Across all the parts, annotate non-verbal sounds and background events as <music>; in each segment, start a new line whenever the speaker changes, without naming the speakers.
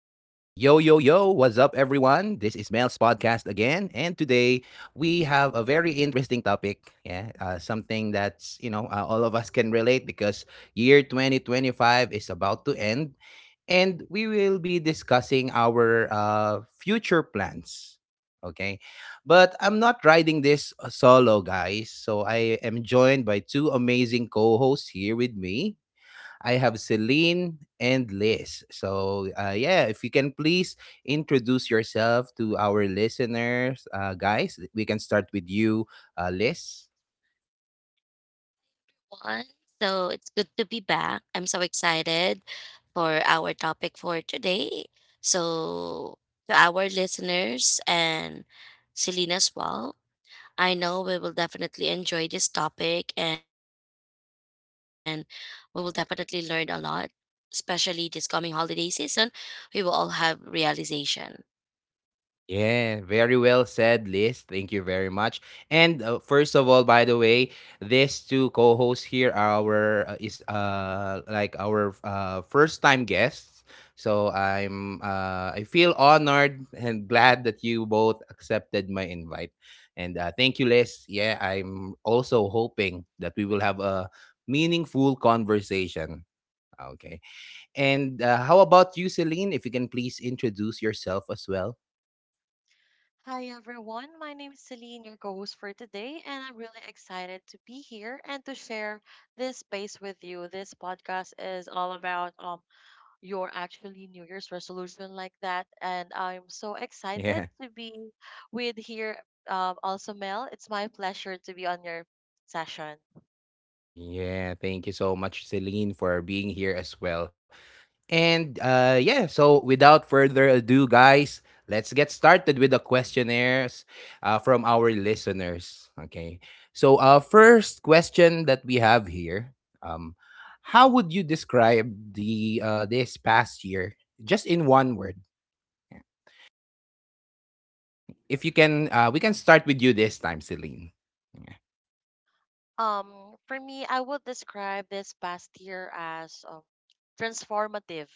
Mel's podcast again, and today we have a very interesting topic. Yeah, something that's all of us can relate because year 2025 is about to end, and we will be discussing our future plans. Okay, but I'm not riding this solo, guys. So I am joined by two amazing co hosts here with me. I have Celine and Liz. So, yeah, if you can please introduce yourself to our listeners, guys, we can start with you, Liz.
One, So it's good to be back. I'm so excited for our topic for today. So, to our listeners and Celine as well, I know we will definitely enjoy this topic and we will definitely learn a lot, especially this coming holiday season. We will all have realization.
Yeah, very well said, Liz. Thank you very much. And first of all, by the way, these two co-hosts here are our is like our first-time guests. So I feel honored and glad that you both accepted my invite. And thank you, Liz. Yeah, I'm also hoping that we will have a meaningful conversation. Okay. And how about you, Celine? If you can please introduce yourself as well.
Hi everyone, my name is Celine, your co-host for today, and I'm really excited to be here and to share this space with you. This podcast is all about your actually New Year's resolution like that, and I'm so
<laughs>
excited
Yeah.
to be with here. Also Mel, it's my pleasure to be on your session.
Yeah, thank you so much, Celine, for being here as well. And yeah, so without further ado, guys, let's get started with the questionnaires from our listeners. Okay, so first question that we have here: um, how would you describe the this past year, just in one word? If you can, we can start with you this time, Celine. Yeah.
For me, I would describe this past year as transformative.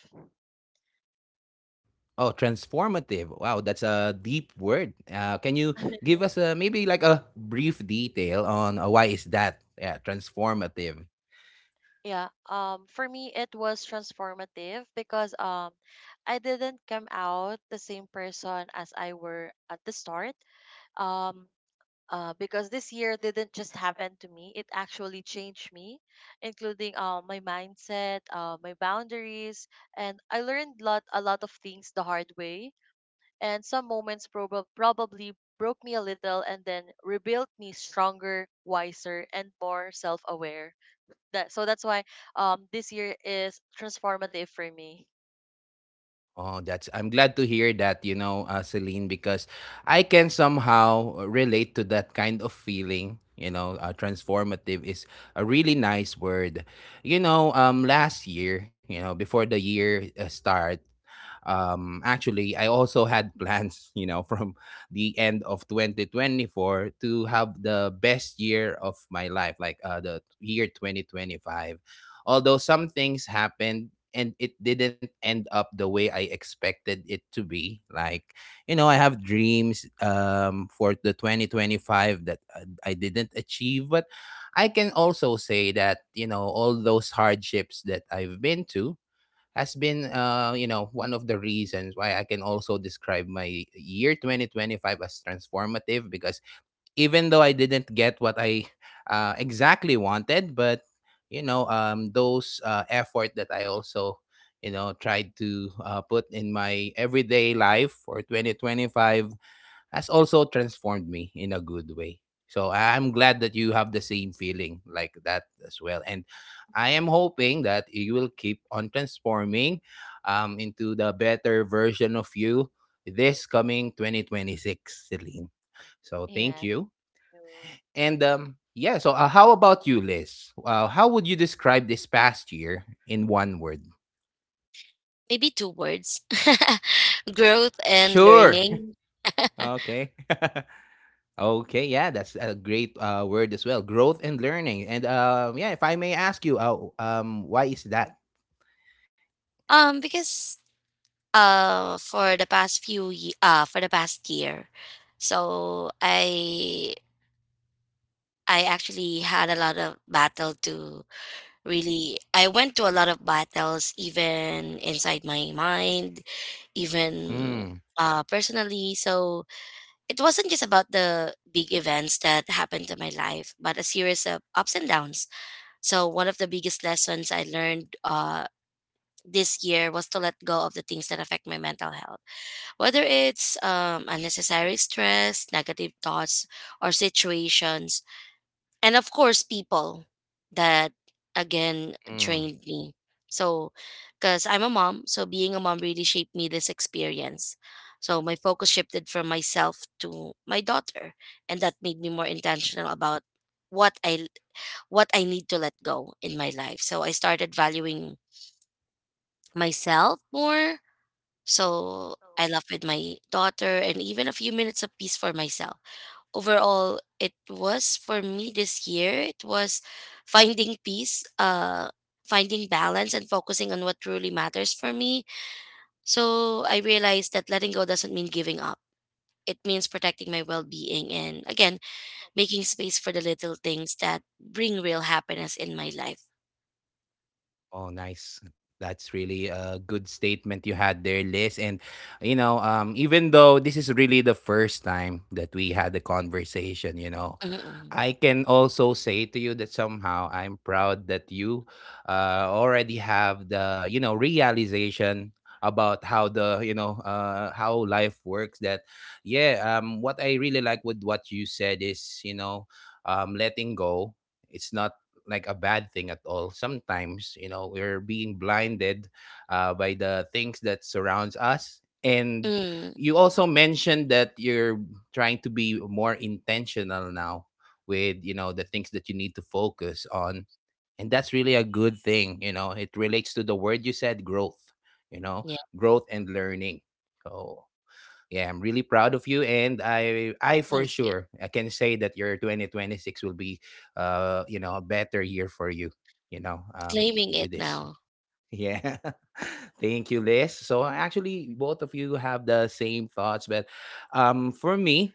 Oh, transformative. Wow, that's a deep word. Can you
<laughs>
give us maybe like a brief detail on why is that? Yeah, transformative.
Yeah, for me it was transformative because I didn't come out the same person as I were at the start. Um, because this year didn't just happen to me; it actually changed me, including my mindset, my boundaries, and I learned lot a lot of things the hard way. And some moments probably broke me a little, and then rebuilt me stronger, wiser, and more self-aware. That's why this year is transformative for me.
Oh, that's I'm glad to hear that, you know, Celine, because I can somehow relate to that kind of feeling. You know, transformative is a really nice word. You know, last year, you know, before the year start, actually, I also had <laughs> plans, you know, from the end of 2024 to have the best year of my life, like the year 2025. Although some things happened and it didn't end up the way I expected it to be. Like, you know, I have dreams for the 2025 that I didn't achieve, but I can also say that, you know, all those hardships that I've been to has been you know one of the reasons why I can also describe my year 2025 as transformative because even though I didn't get what I exactly wanted, but you know, those effort that I also you know tried to put in my everyday life for 2025 has also transformed me in a good way. So I'm glad that you have the same feeling like that as well, and I am hoping that you will keep on transforming into the better version of you this coming 2026, Celine. So thank
Yes.
you,
So,
and yeah, so how about you, Liz? How would you describe this past year in one word?
Maybe two words, <laughs> growth and
Sure. <laughs>
learning. <laughs>
Okay. <laughs> Okay. Yeah, that's a great word as well. Growth and learning. And yeah, if I may ask you, why is that?
Because for the past year, so I actually had a lot of battle to really. I went to a lot of battles, even inside my mind, even
Mm,
personally. So it wasn't just about the big events that happened to my life, but a series of ups and downs. So one of the biggest lessons I learned, this year, was to let go of the things that affect my mental health. Whether it's unnecessary stress, negative thoughts, or situations, and of course, people that, again,
mm.
drained me. So, because I'm a mom, so being a mom really shaped me this experience. So, my focus shifted from myself to my daughter, and that made me more intentional about what I what I need to let go in my life. So I started valuing myself more, so I left with my daughter and even a few minutes of peace for myself. Overall, it was for me this year, it was finding peace, finding balance, and focusing on what truly matters for me. So I realized that letting go doesn't mean giving up. It means protecting my well being and, again, making space for the little things that bring real happiness in my life.
Oh, nice. That's really a good statement you had there, Liz. And, you know, even though this is really the first time that we had the conversation, you know,
Mm-mm.
I can also say to you that somehow I'm proud that you already have the, you know, realization about how the you know how life works. That yeah um what I really like with what you said is, letting go, it's not like a bad thing at all. Sometimes, you know, we're being blinded by the things that surrounds us. And
Mm,
you also mentioned that you're trying to be more intentional now with, you know, the things that you need to focus on. And that's really a good thing, you know. It relates to the word you said, growth, you know,
yeah,
growth and learning. So yeah, I'm really proud of you, and I for
thank you.
sure, I can say that your 2026 will be, a better year for you. You know,
Claiming
with
it
this.
now.
Yeah, <laughs> thank you, Liz. So actually, both of you have the same thoughts, but, for me,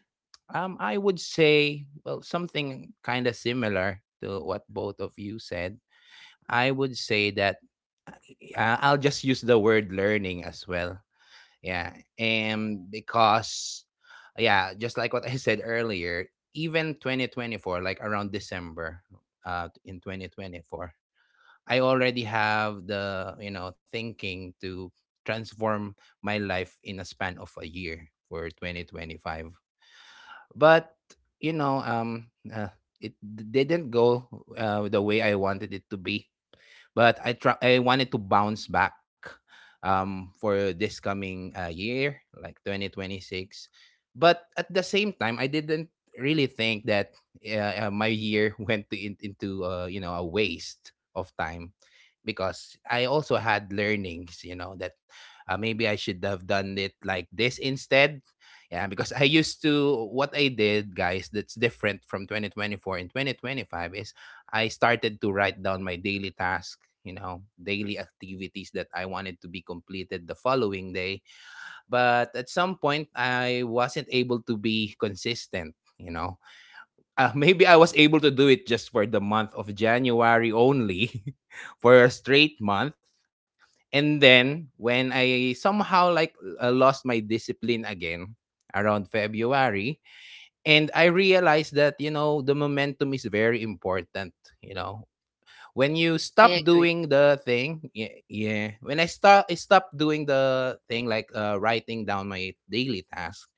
I would say well something kind of similar to what both of you said. I would say that I'll just use the word learning as well, yeah. And because, yeah, just like what I said earlier, even 2024, like around December in 2024, I already have the, you know, thinking to transform my life in a span of a year for 2025. But, you know, it didn't go the way I wanted it to be. But I wanted to bounce back for this coming year, like 2026. But at the same time, I didn't really think that my year <laughs> went into you know a waste of time because I also had learnings, you know, that maybe I should have done it like this instead. Yeah, because what I did, guys, that's different from 2024 and 2025 is I started to write down my daily task, you know, daily activities that I wanted to be completed the following day. But at some point, I wasn't able to be consistent. You know, <laughs> maybe I was able to do it just for the month of January only, <laughs> for a straight month. And then when I somehow lost my discipline again around February, and I realized that, you know, the momentum is very important, you know. When you
I
stop
agree.
doing the thing, yeah, yeah. When I stopped doing the thing, like writing down my daily task,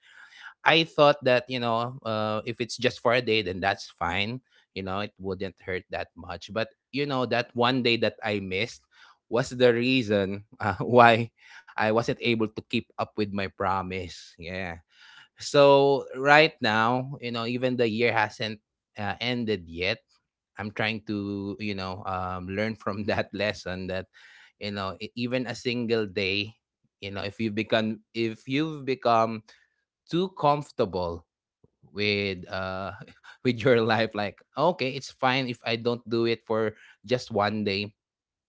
I thought that, you know, if it's just for a day, then that's fine. You know, it wouldn't hurt that much. But you know, that one day that I missed was the reason <laughs> why I wasn't able to keep up with my promise. Yeah. So right now, you know, even the year hasn't ended yet. I'm trying to, you know, learn from <laughs> that lesson that, you know, even a single day, you know, if you've become too comfortable with <laughs> with your life, like, okay, it's fine if I don't do it for just one day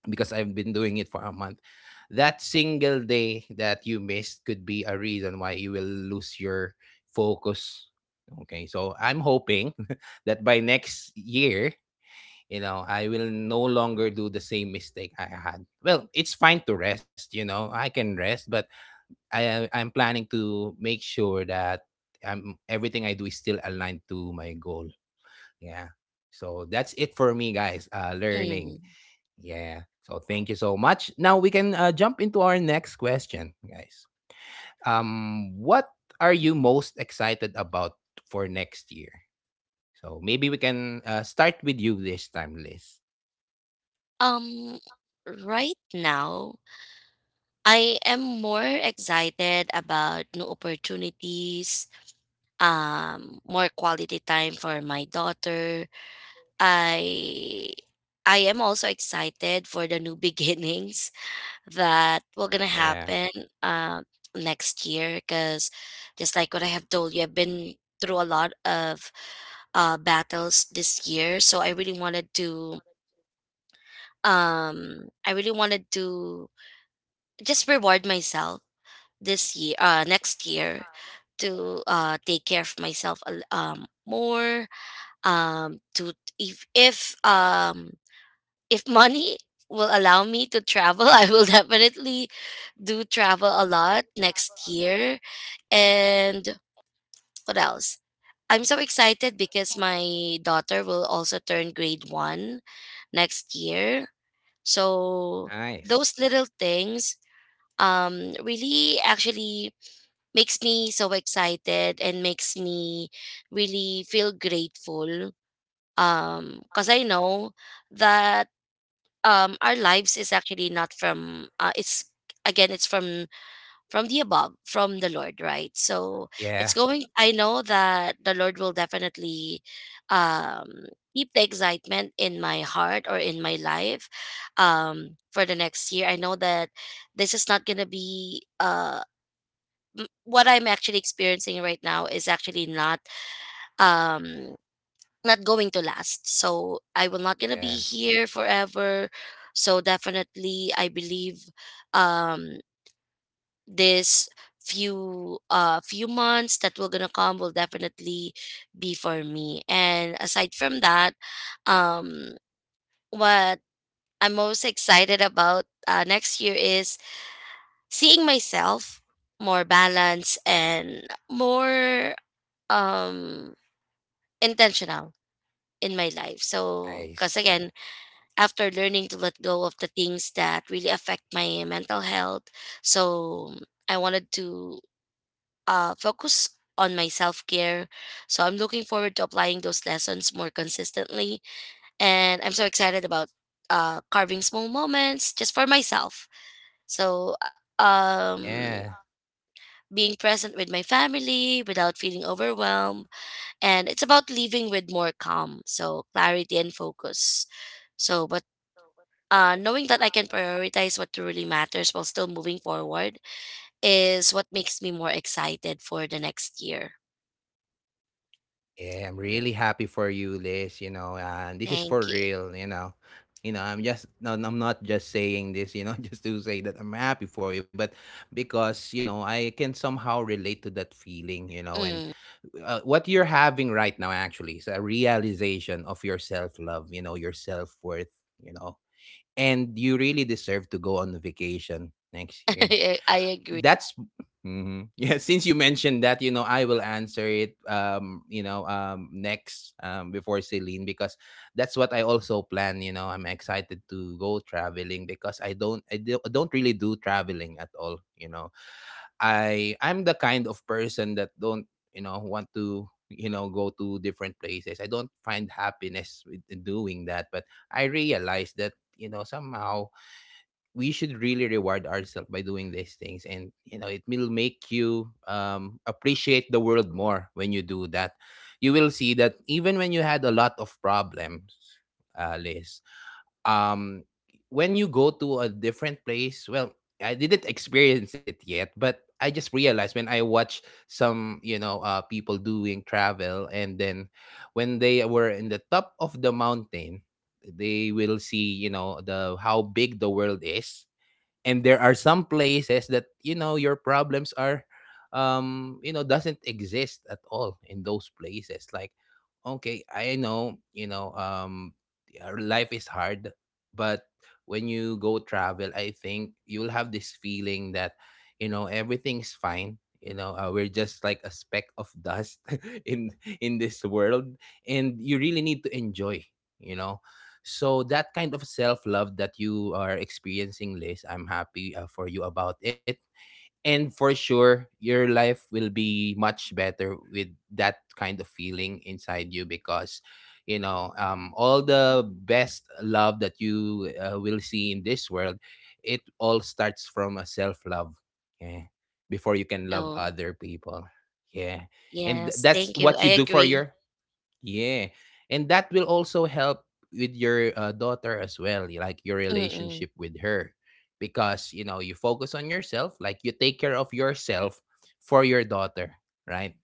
because I've been doing it for a month. That single day that you missed could be a reason why you will lose your focus. Okay, so I'm hoping <laughs> that by next year, you know, I will no longer do the same mistake I had. Well, it's fine to rest, you know, I can rest. But I'm planning to make sure that I'm everything I do is still aligned to my goal. Yeah. So that's it for me, guys. Learning.
Mm.
Yeah. So thank you so much. Now we can jump into our next question, guys. What are you most excited about for next year? So maybe we can start with you this time, Liz.
Um, right now, I am more excited about new opportunities, more quality time for my daughter. I I am also excited for the new <laughs> beginnings that will gonna
Yeah.
happen, uh, next year, because just like what I have told you, I've been through a lot of battles this year, so I really wanted to just reward myself this year, next year, to take care of myself more, to, if if um if money will allow me to travel, <laughs> I will definitely do travel a lot next year. And what else? I'm so excited because my daughter will also turn grade 1 next year. So those
Nice.
little things, really actually makes me so excited and makes me really feel grateful, because I know that, our lives is actually not from, it's again, it's from the above, from the lord, right? So it's
Yeah.
going I know that the lord will definitely um keep the excitement in my heart or in my life, for the next year. I know that this is not gonna be m- what I'm actually experiencing right now is actually um not going to last. So I will not gonna be
Yeah.
here forever. So definitely I believe, um this few months that will gonna come will definitely be for me. And aside from that, um what I'm most excited about, next year, is seeing myself more balanced and more, um intentional in my life. So, because
Nice.
again, after learning to let go of the things that really affect my mental health, so I wanted to focus on my self-care. So I'm looking forward to applying those lessons more consistently, and I'm so excited about carving small moments just for myself. So,
Yeah.
um being present with my family without feeling overwhelmed, and it's about leaving with more calm, so clarity and focus. So, but, knowing that I can prioritize what truly matters while still moving forward is what makes me more excited for the next year.
Yeah, I'm really happy for you, Liz. You know, and this is for
Thank you.
real. I'm just no, no, I'm not just saying this. You know, <laughs> just to say that I'm happy for you, but because you know, I can somehow relate to that feeling. You know, and
Mm.
uh, what you're having right now actually is a realization of your self love. You know, your self worth. You know, and you really deserve to go on vacation next
<laughs>
year
I agree.
that's <laughs> yeah, since you mentioned that, you know, I will answer it, you know, next, before Celine, because that's what I also plan. You know, I'm excited to go traveling because I don't really do traveling at all, you know. I'm the kind of person that don't, you know, want to, you know, go to different places. I don't find happiness with doing that, but I realize that, you know, somehow we should really reward ourselves by doing these things. And you know it will make you appreciate the world more when you do that. You will see that even when you had a lot of problems, Liz, um, when you go to a different place, well, I didn't experience it yet, but I just realized when I watch some, you know, people doing travel. And then when they were in the top of the mountain, they will see, you know, the how big the world is. And there are some places that, you know, your problems are, you know, doesn't exist at all in those places. Like, okay, I know, you know, our life is hard. But when you go travel, I think you'll have this feeling that, you know, everything's fine. You know, we're just like a speck of dust <laughs> in in this world. And you really need to enjoy, you know. So that kind of self love that you are experiencing, Liz, I'm happy for you about it. And for sure, your life will be much better with that kind of feeling inside you, because, you know, all the best love that you will see in this world, it all starts from a self love. Yeah. Before you can love
No,
other people. Yeah. And
yes,
that's
thank you,
what
I
you do for
agree.
your yeah. And that will also help with your daughter as well, like your
Mm-mm.
relationship with her. Because, you know, you focus on yourself, like you take care of yourself for your daughter, right?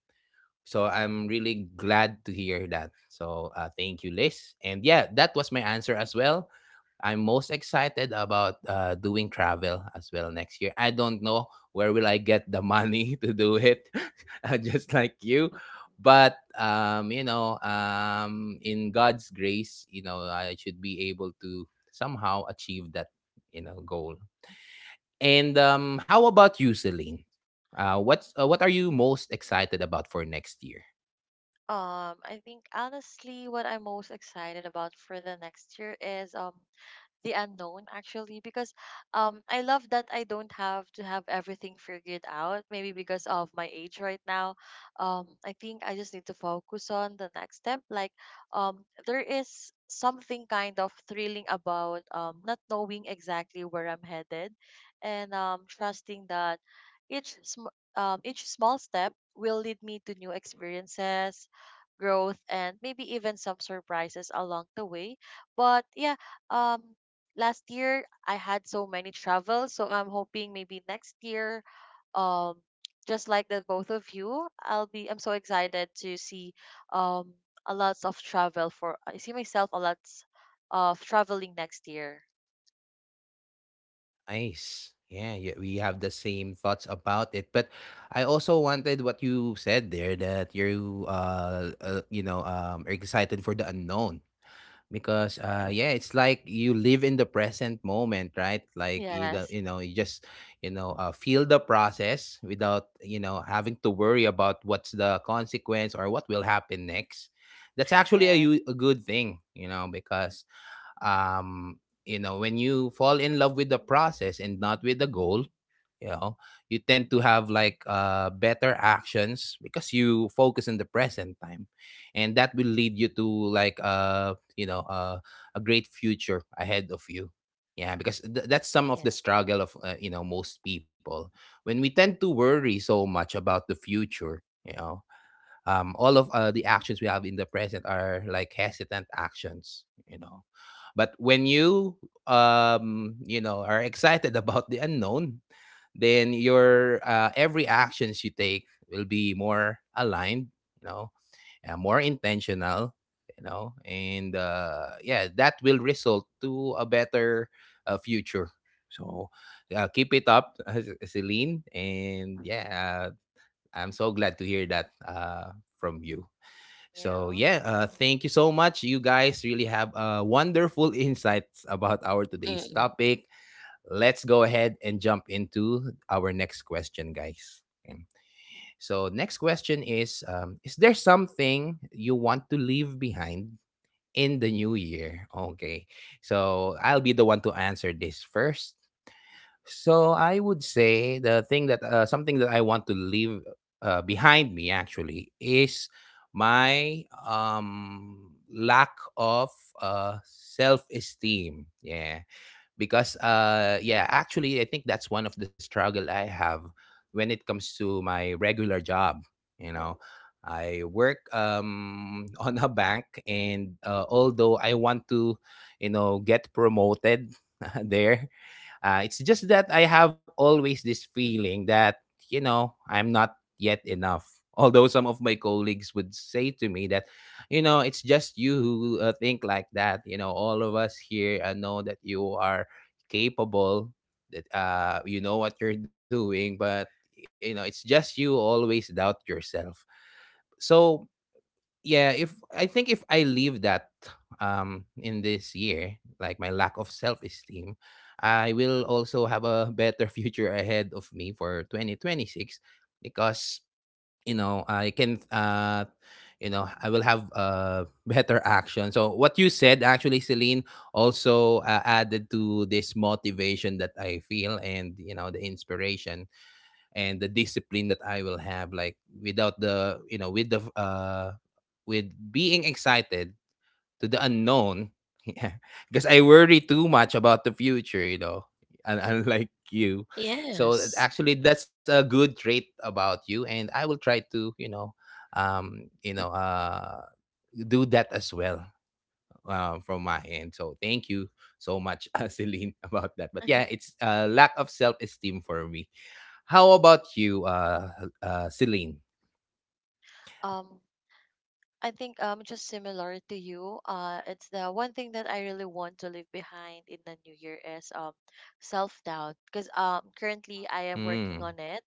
So I'm really glad to hear that. So thank you, Liz. And yeah, that was my answer as well. I'm most excited about doing travel as well next year. I don't know where will I get the money <laughs> to do it, <laughs> just like you. But you know, in God's grace, you know, I should be able to somehow achieve that, you know, goal. And how about you, Celine? What's what are you most excited about for next year?
I think honestly, what I'm most excited about for the next year is the unknown actually because I love that I don't have to have everything figured out maybe because of my age right now. I think I just need to focus on the next step, like there is something kind of thrilling about not knowing exactly where I'm headed, and trusting that each small step will lead me to new experiences, growth, and maybe even some surprises along the way. But yeah, um last year I had so many travels, so I'm hoping maybe next year, um, just like the both of you, I'm so excited to see um a lots of travel for I see myself a lots of traveling next year.
Nice. Yeah, yeah, we have the same thoughts about it. But I also wanted what you said there, that you you know are excited for the unknown. Because yeah, it's like you live in the present moment, right? Like, you know,
Yes,
you just, you know, feel the process without, you know, having to worry about what's the consequence or what will happen next. That's actually a,
yes,
a good thing, you know. Because um you know, when you fall in love with the process and not with the goal, you know, you tend to have like better actions because you focus in the present time. And that will lead you to like you know a great future ahead of you. Yeah, because that's some of
yeah.
the struggle of you know, most people. When we tend to worry so much about the future, you know, all of the actions we have in the present are like hesitant actions, you know. But when you you know, are excited <laughs> about the unknown, then your every actions you take will be more aligned, you know, more intentional, you know. And yeah, that will result to a better future. So keep it up, <laughs> Celine. And yeah, I'm so glad to hear that from you. So
You.
yeah, thank you so much. You guys really have wonderful <laughs> insights about our today's
Mm-mm.
topic. Let's go ahead and jump into our next question, guys. Okay. So next question is: is there something you want to leave behind in the new year? Okay, so I'll be the one to answer this first. So I would say the thing that something that I want to leave behind me actually is my lack of self-esteem. Yeah. Because yeah, actually I think that's one of the struggle I have when it comes to my regular job, you know. I work <laughs> on a bank. And although I want to, you know, get promoted <laughs> there, it's just that I have always this feeling that, you know, I'm not yet enough. <laughs> Although some of my colleagues would say to me that, you know, it's just you who think like that. You know, all of us here know that you are capable, that you know what you're doing, but, you know, it's just you always doubt yourself. So yeah, if I think, if I leave that in this year, like my lack of self-esteem, I will also have a better <laughs> future ahead of me for 2026. Because, you know, I can you know, I will have better action. So what you said actually, Celine, also added to this motivation that I feel. And you know, the inspiration and the discipline that I will have, like without the, you know, with the with being excited to the unknown, <laughs> yeah. Because I worry too much about the future, you know, <laughs> unlike you. So
Yes.
actually that's a good trait about you, and I will try to, you know, you know do that as well from my end. So thank you so much, <laughs> Celine, about that. But yeah,
<laughs>
it's a lack of self esteem for me. How about you, Celine?
Um, I think just similar to you, it's the one thing that I really want to leave behind in the new year is self doubt, because currently I am working
Mm,
on it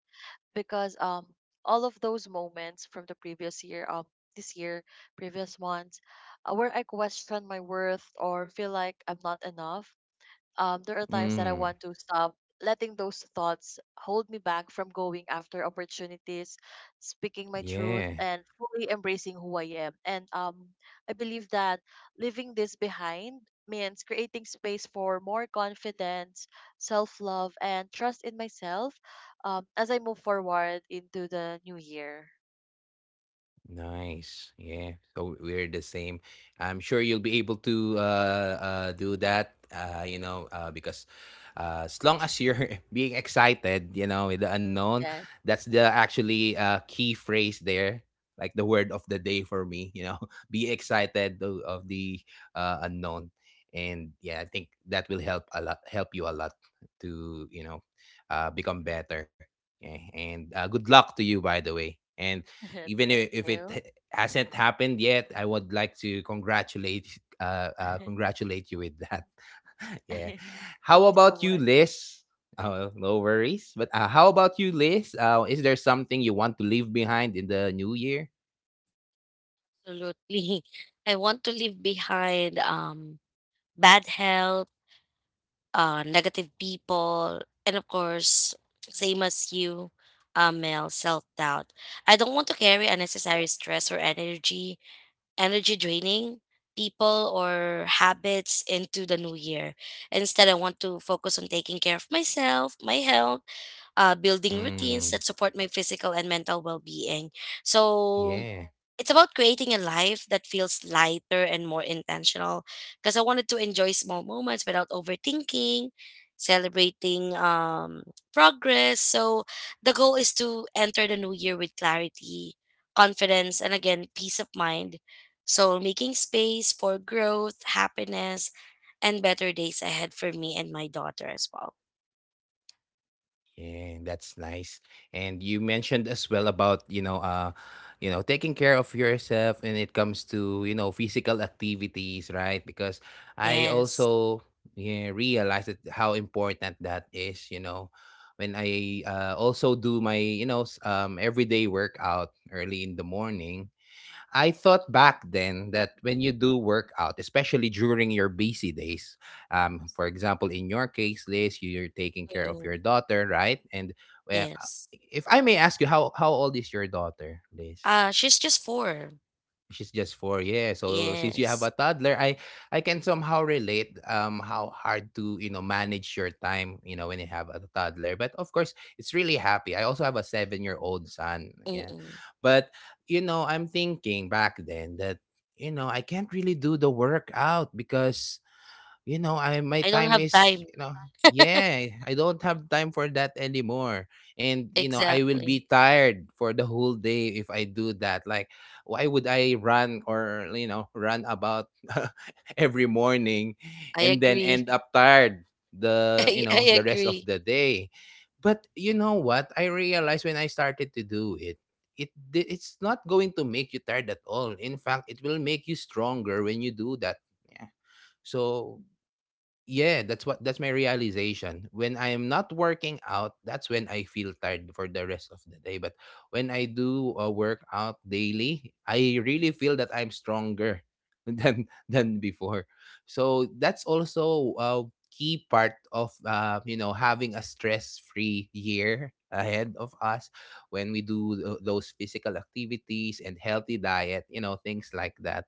because all of those moments from the previous year, this year, previous ones, where I question my worth or feel like I'm not enough. There are times that I
mm,
want to stop letting those thoughts hold me back from going after opportunities, speaking my truth,
yeah.
and fully embracing who I am. And I believe that leaving this behind means creating space for more confidence, self love, and trust in myself as I move forward into the new year.
Nice. Yeah. So we're the same. I'm sure you'll be able to do that, you know, because as long as you're <laughs> being excited, you know, with the unknown,
Yes.
that's the actually key phrase there, like the word of the day for me, you know, <laughs> be excited to, of the unknown. And yeah, I think that will help a lot, help you a lot to, you know, become better. Yeah. And good luck to you, by the way. And
<laughs>
even
Thank
if it
you.
hasn't happened yet, I would like to congratulate
<laughs>
congratulate you with that. <laughs> Yeah. How
Thank you so
about you,
much.
Liz? Oh, no worries. But how about you, Liz, is there something you want to leave behind in the new year?
Absolutely, <laughs> I want to leave behind, bad health, negative people, and of course, same as you, Mel, self doubt. I don't want to carry unnecessary stress or energy draining people or habits into the new year. Instead, I want to focus on taking care of myself, my health, building
Mm,
routines that support my physical and mental well being. So,
yeah.
it's about creating a life that feels lighter and more intentional, because I wanted to enjoy small moments without overthinking, celebrating, progress. So the goal is to enter the new year with clarity, confidence, and, again, peace of mind. So making space for growth, happiness, and better days ahead for me and my daughter as well.
Yeah, that's nice. And you mentioned as well about, you know, taking care of yourself when it comes to, you know, physical activities, right? Because I
Yes.
also yeah, realized that how important that is, you know, when I also do my, you know, everyday workout early in the morning. I thought back then that when you do workout, especially during your busy days, for example, in your case, Liz, you're taking care of
Mm-mm.
your daughter, right? And well,
Yes.
if I may ask you, how old is your daughter, Liz?
She's just four.
She's just four, yeah. So since you have a
Yes.
toddler, I can somehow relate how hard to, you know, manage your time, you know, when you have a toddler. But of course, it's really happy. I also have a 7-year old son, yeah.
Mm-mm.
But you know, I'm thinking back then that, you know, I can't really do the workout, because, you know, I my
I don't
time
have
is,
time.
you know, yeah, I don't have time for that anymore. And you know, I will
Exactly.
be tired for the whole day if I do that. Like, why would I run, or you know, run about <laughs> every morning
I
and then
agree.
end
<laughs>
up tired the, you
I
know, the rest of
agree.
the day. But you know what? I realized when I started to do it, it's not going to make you tired at all. In fact, it will make you stronger when you do that. Yeah. So yeah, that's what, that's my realization. When I am not working out, that's when I feel tired for the rest of the day. But when I do a workout daily, I really feel that I'm stronger <laughs> than before. So that's also a key part of you know, having a stress-free year ahead of us when we do those physical activities and healthy diet, you know, things like that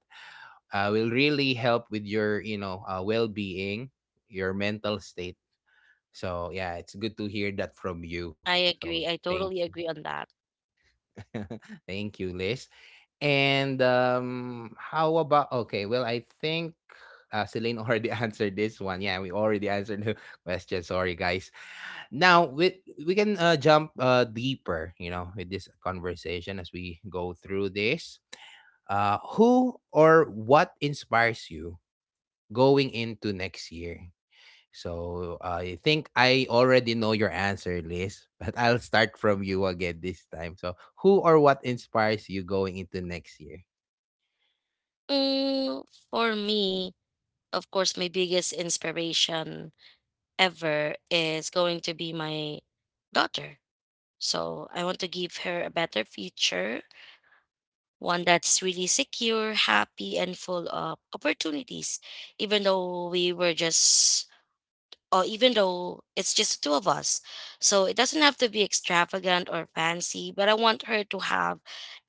will really help with your, you know, well-being, your mental state. So yeah, it's good to hear that from you.
I
So
agree. I
thank you.
totally agree on that.
<laughs> Thank you, Liz. And how about, okay, well, I think Celine already <laughs> answered this one. Yeah, we already answered the <laughs> question. Sorry, guys. Now we can jump deeper, you know, with this conversation as we go through this. Who or what inspires you going into next year? So I think I already know your answer, Liz, <laughs> but I'll start from you again this time. So, who or what inspires you going into next year?
Mm, for me, of course, my biggest inspiration ever is going to be my daughter. So I want to give her a better future, one that's really secure, happy, and full of opportunities. Even though we were just, or even though it's just the two of us. So it doesn't have to be extravagant or fancy, but I want her to have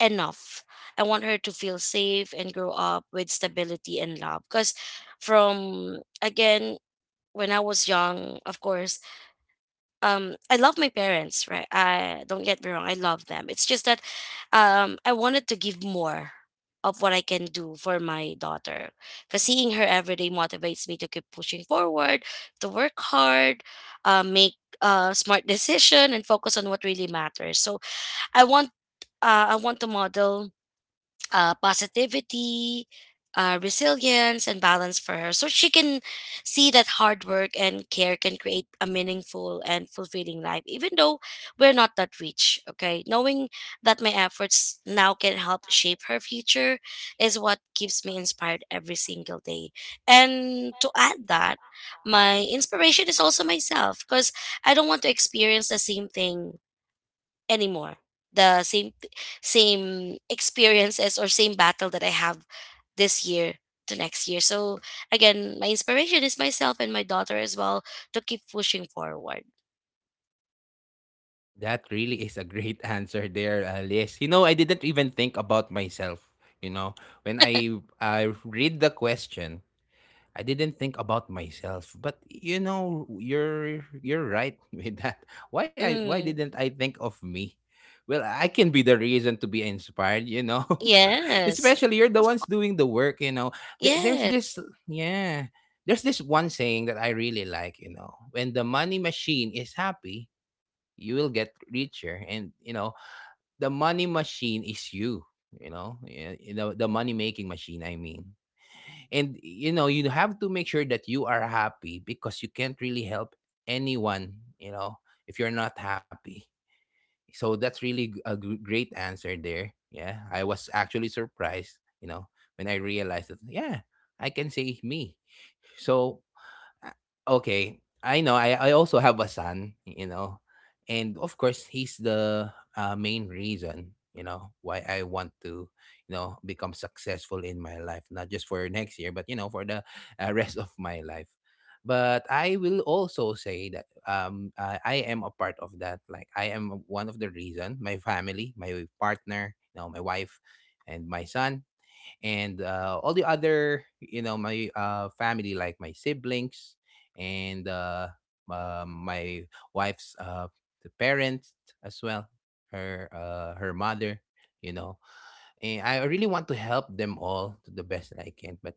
enough. I want her to feel safe and grow up with stability and love. Because, from, again, when I was young, of course, I love my parents, right? I don't get me wrong, I love them. It's just that, I wanted to give more of what I can do for my daughter. Because seeing her every day motivates me to keep pushing forward, to work hard, make a smart decision and focus on what really matters. So I want I want to model, positivity, resilience, and balance for her. So she can see that hard work and care can create a meaningful and fulfilling life, even though we're not that rich. Okay. Knowing that my efforts now can help shape her future is what keeps me inspired every single day. And to add that, my inspiration is also myself, because I don't want to experience the same thing anymore, the same experiences or same battle that I have this year, to next year. So, again, my inspiration is myself and my daughter as well, to keep pushing forward.
That really is a great <laughs> answer there, Liz. You know, I didn't even think about myself. You know, when I read the question, I didn't think about myself, but you know, you're right <laughs> with that. Why I why
Mm,
didn't I think of me? Well, I can be the reason to be inspired, you know. <laughs>
yes.
Especially you're the ones doing the work, you know. There's
Yes,
this yeah, there's this one saying that I really like, you know. When the money machine is happy, you will get richer. And you know, the money machine is you, you know, yeah, you know, the money making machine. I mean, and you know you have to make sure that you are happy, because you can't really help anyone, you know if you're not happy. So that's really a great answer there. Yeah, I was actually surprised, you know, when I realized that. Yeah, I can say me. so uh, okay, I know. I also have a son, you know, and of course he's the main reason, you know, why I want to, you know, become successful in my life, not just for next year, but, you know, for the <laughs> rest of my life. But I will also say that I am a part of that. Like, I am one of the reason. My family, my partner, you know, my wife, and my son, and all the other, you know, my family, like my siblings, and my wife's, the parents, as well, her, her mother, you know. And I really want to help them all to the best that I can. But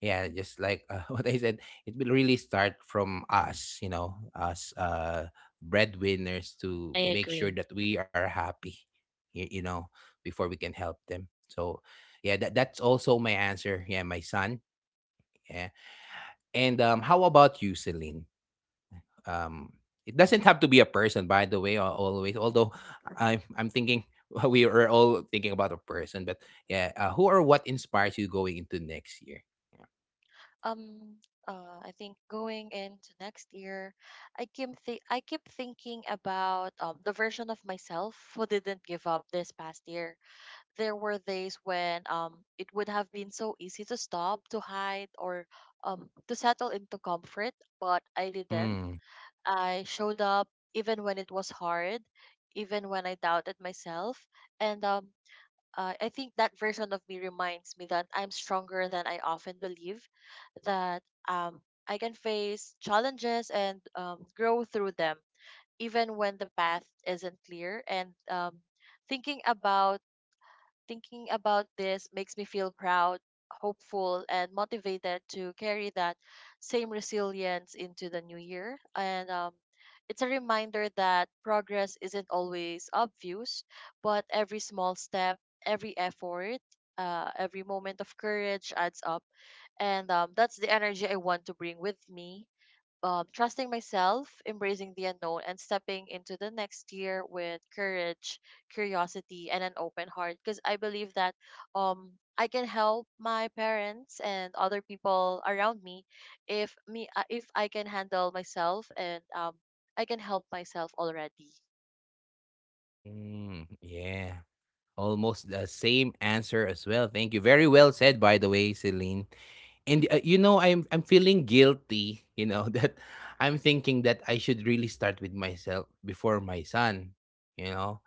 yeah, just like, <laughs> what I said, it will really start from us, you know, us, breadwinners, to
I
make sure
agree.
that we are happy, you, you know, before we can help them. So yeah, that's also my answer. Yeah, my son. Yeah. And how about you, Celine? um it doesn't have to be a person, by the way, always, although I'm thinking, <laughs> we are all thinking about a person, but yeah, who or what inspires you going into next year? Yeah.
um I think going into next year, I keep thinking about the version of myself who didn't give up this past year. There were days when it would have been so easy to stop, to hide, or to settle into comfort, but I didn't.
Mm.
I showed up even when it was hard, even when I doubted myself, and I think that version of me reminds me that I'm stronger than I often believe, that um, I can face challenges and grow through them, even when the path isn't clear. And thinking about thinking about this makes me feel proud, hopeful, and motivated to carry that same resilience into the new year. And it's a reminder that progress isn't always obvious, but every small step, every effort, every moment of courage adds up. And that's the energy I want to bring with me, trusting myself, embracing the unknown, and stepping into the next year with courage, curiosity, and an open heart. Because I believe that um, I can help my parents and other people around me if I can handle myself and I can help myself already.
Mm, yeah, almost the same answer, as well. Thank you. Very well said, by the way, Celine. And you know, I'm feeling guilty, you know, <laughs> that I'm thinking that I should really start with myself before my son, you know.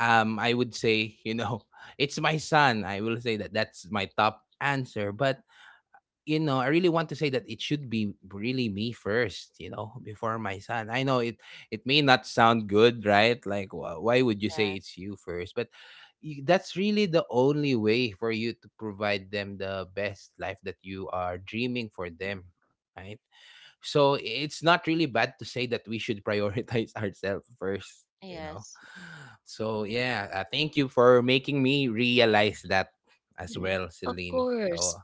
I would say, you know, <laughs> it's my son. I will say that that's my top answer. But you know, I really want to say that it should be really me first, you know, <laughs> before my son. I know it, it may not sound good, right? Like, why would you say
Yes.
it's you first? But that's really the only way for you to provide them the best life that you are dreaming for them, right? So it's not really bad to say that we should prioritize <laughs> ourselves first, you know.
Yes.
So yeah, thank you for making me realize that as well,
<laughs>
Of
Celine. So
course.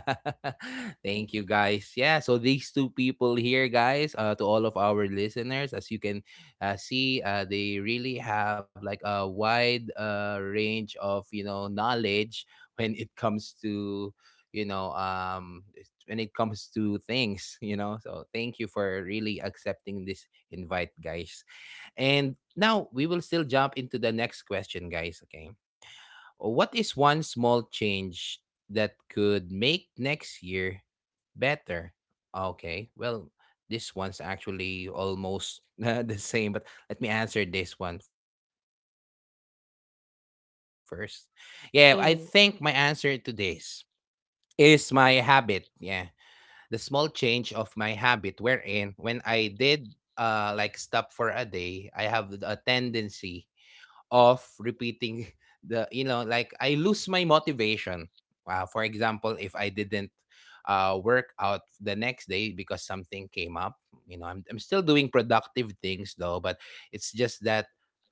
<laughs> thank you, guys. Yeah, so these two people here, guys, to all of our listeners, as you can see, they really have like a wide range of, you know, knowledge when it comes to, you know, when it comes to things, you know. So thank you for really accepting this invite, guys. And now we will still jump into the next question, guys. Okay. What is one small change that could make next year better? Okay. Well, this one's actually almost <laughs> the same, but let me answer this one first. Yeah, I think my answer to this
Hmm.
is my habit. Yeah, the small change of my habit, wherein when I did, like, stop for a day, I have a tendency of repeating <laughs> the, you know, like, I lose my motivation. For example, if I didn't work out the next day because something came up, you know, I'm still doing productive things though, but it's just that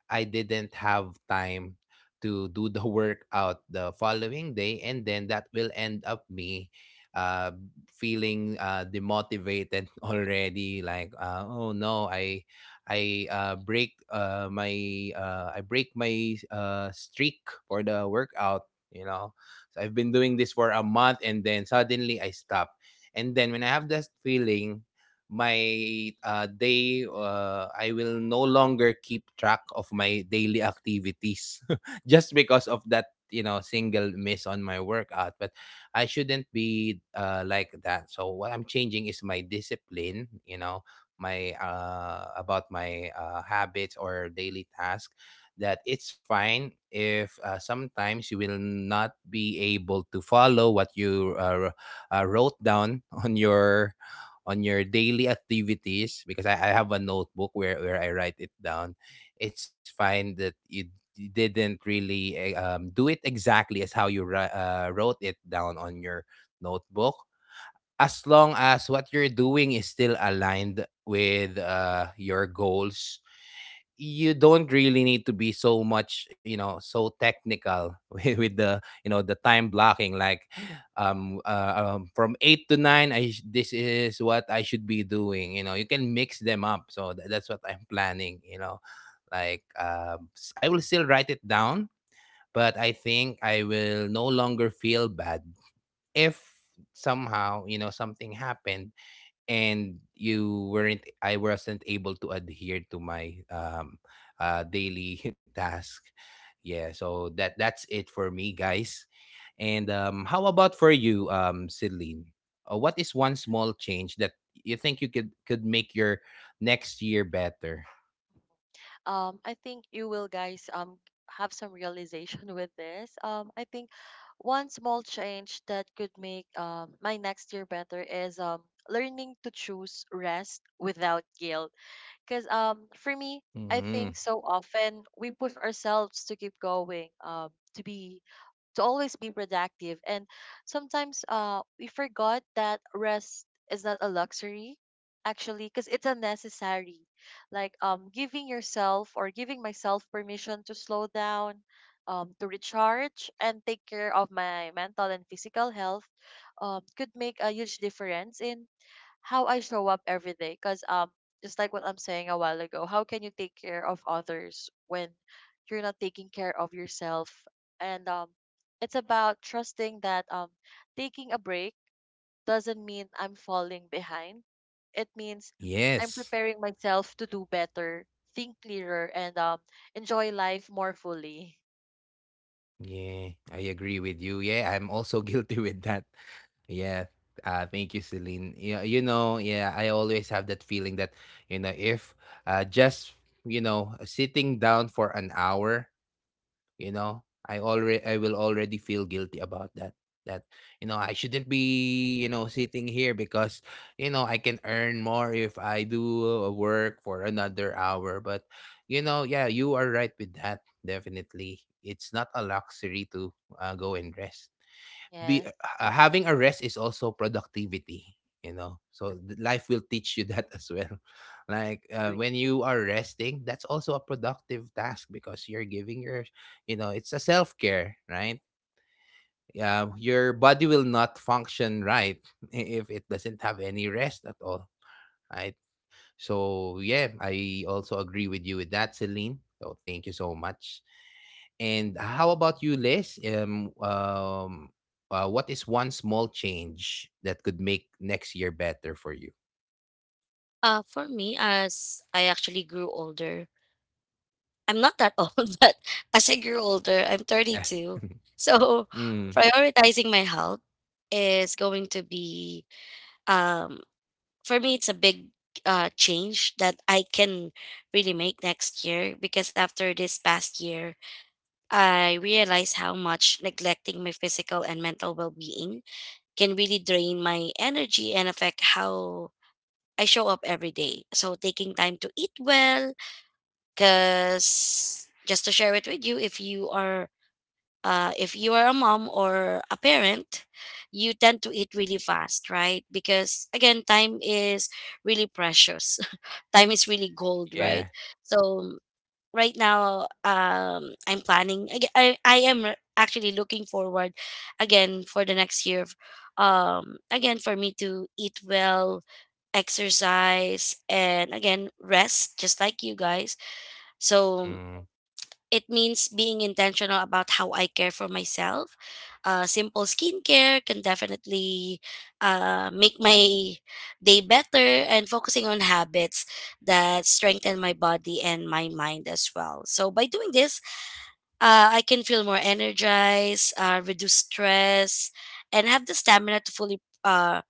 I didn't have time to do the <laughs> workout the following day. And then that will end up me uh, feeling demotivated <laughs> already, like, oh, no, I uh, break uh, my I break my streak for the workout. You know, so I've been doing this for a month, and then suddenly I stop. And then when I have that feeling, my day I will no longer keep track of my daily activities <laughs> just because of that, you know, single miss on my workout. But I shouldn't be, like that. So what I'm changing is my discipline. You know, my about my habits or daily task, that it's fine if, sometimes you will not be able to follow what you, wrote down <laughs> on your daily activities, because I have a notebook where, I write it down. It's fine that you didn't really, do it exactly as how you wrote it down on your notebook, as long as what you're doing is still aligned with your goals. You don't really need to be so much, you know, so technical <laughs> with, the, the time blocking, like, from 8 to 9, this is what I should be doing, you know. You can mix them up, so that's what I'm planning, you know. Like, I will still write it down, but I think I will no longer feel bad if somehow, you know, something happened, and you weren't I wasn't able to adhere to my daily <laughs> task. Yeah, so that's it for me, guys. And how about for you, Celine? What is one small change that you think you could make your next year better?
I think you will guys have some realization <laughs> with this. I think one small change that could make my next year better is learning to choose rest without guilt. Cause for me, I
Hmm.
think so often we push ourselves to keep going, to be to always be productive. And sometimes we forgot that rest is not a luxury actually because it's a necessary. Like giving yourself or giving myself permission to slow down, to recharge and take care of my mental and physical health could make a huge difference in how I show up every day. Because just like what I'm saying a while ago, how can you take care of others when you're not taking care of yourself? And it's about trusting that, taking a break doesn't mean I'm falling behind. It means I'm
Yes.
preparing myself to do better, think clearer, and enjoy life more fully.
Yeah, I agree with you. Yeah, I'm also <laughs> guilty with that. Yeah. Thank you, Celine. Yeah, you know, yeah, I always have that feeling that, you know, if, just, you know, sitting down for an hour, you know, I will already feel guilty about that. That, you know, I shouldn't be, you know, sitting here, because, you know, I can earn more if I do, work for another hour. But, you know, yeah, you are right with that. Definitely. It's not a luxury to, go and rest. Be
Yes.
Having a rest is also productivity, you know. So life will teach you <laughs> that as well, <laughs> like, when you are resting, that's also a productive task, because you're giving your, you know, it's a self-care, right? Yeah, your body will not function right <laughs> if it doesn't have any rest at all. I so yeah, I also agree with you with that, Celine. So thank you so much. And how about you, Liz? What is one small change that could make next year better for you? <laughs>
For me, as I actually grew older, I'm not that <laughs> old, but as I grew older, I'm
Yeah.
32. So <laughs>
Mm.
prioritizing my health is going to be, um for me it's a big, change that I can really make next year, because after this past year I realized how much neglecting my physical and mental well-being can really drain my energy and affect how I show up every day. So taking time to eat well, cuz just to share it with you, if you are a mom or a parent, you tend to eat really fast, right? Because, again, time is really precious. Time is really gold, right?
Yeah.
So right now, I'm planning. I am actually looking forward, again, for the next year. Again, for me to eat well, exercise, and, again, rest, just like you guys. So
Hmm.
it means being intentional about how I care for myself. Simple skincare can definitely, make my day better, and focusing on habits that strengthen my body and my mind as well. So, by doing this, I can feel more energized, reduce stress, and have the stamina to fully.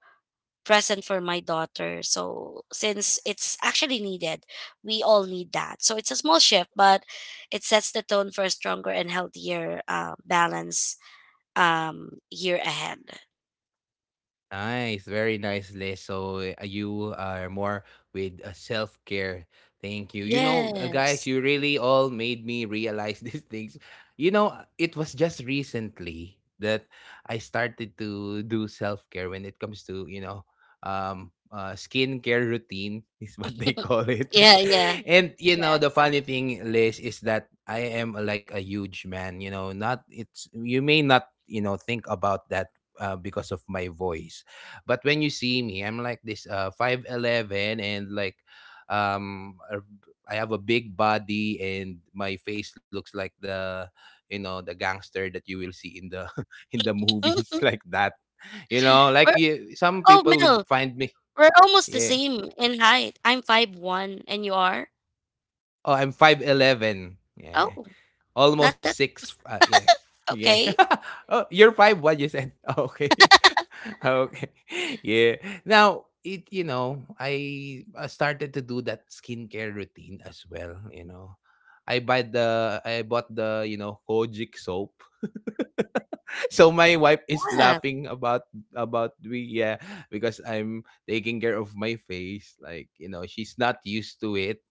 Present for my daughter. So since it's actually needed, we all need that. So it's a small shift, but it sets the tone for a stronger and healthier, balance, year ahead.
Nice, very nice list. So you are more with self care. Thank you. You know, guys,
Yes.
you really all made me realize <laughs> these things. You know, it was just recently that I started to do self care when it comes to, you know, skincare routine, <laughs> is what they call it.
Yeah, yeah.
<laughs> And you know,
Yeah.
the funny thing, Liz, is that I am, like, a huge man. You know, not it's you may not, you know, think about that because of my voice. But when you see me, I'm like this, 5'11, and like, um a- I have a big body, and my face looks like the you know, the gangster that you will see in the, <laughs> in the movies, <laughs>
<laughs>
like that. You know,
we're
like, you, some
Oh,
people would
Mel,
find me.
we're almost the
Yeah.
same in height. I'm 5'1", and you are?
Oh, I'm 5'11. Yeah.
Oh, not
Almost
that.
six. Yeah, yeah.
Okay.
<laughs> Oh, you're five. What you said? <laughs> Okay. <laughs> Okay. <laughs> Yeah. Now it. You know, I started to do that skincare routine as well. You know, I buy the. I bought the. You know, Kojic soap. <laughs> So my wife is
Yeah,
laughing about me. Yeah, because I'm taking care of my face. Like, you know, she's not used to it,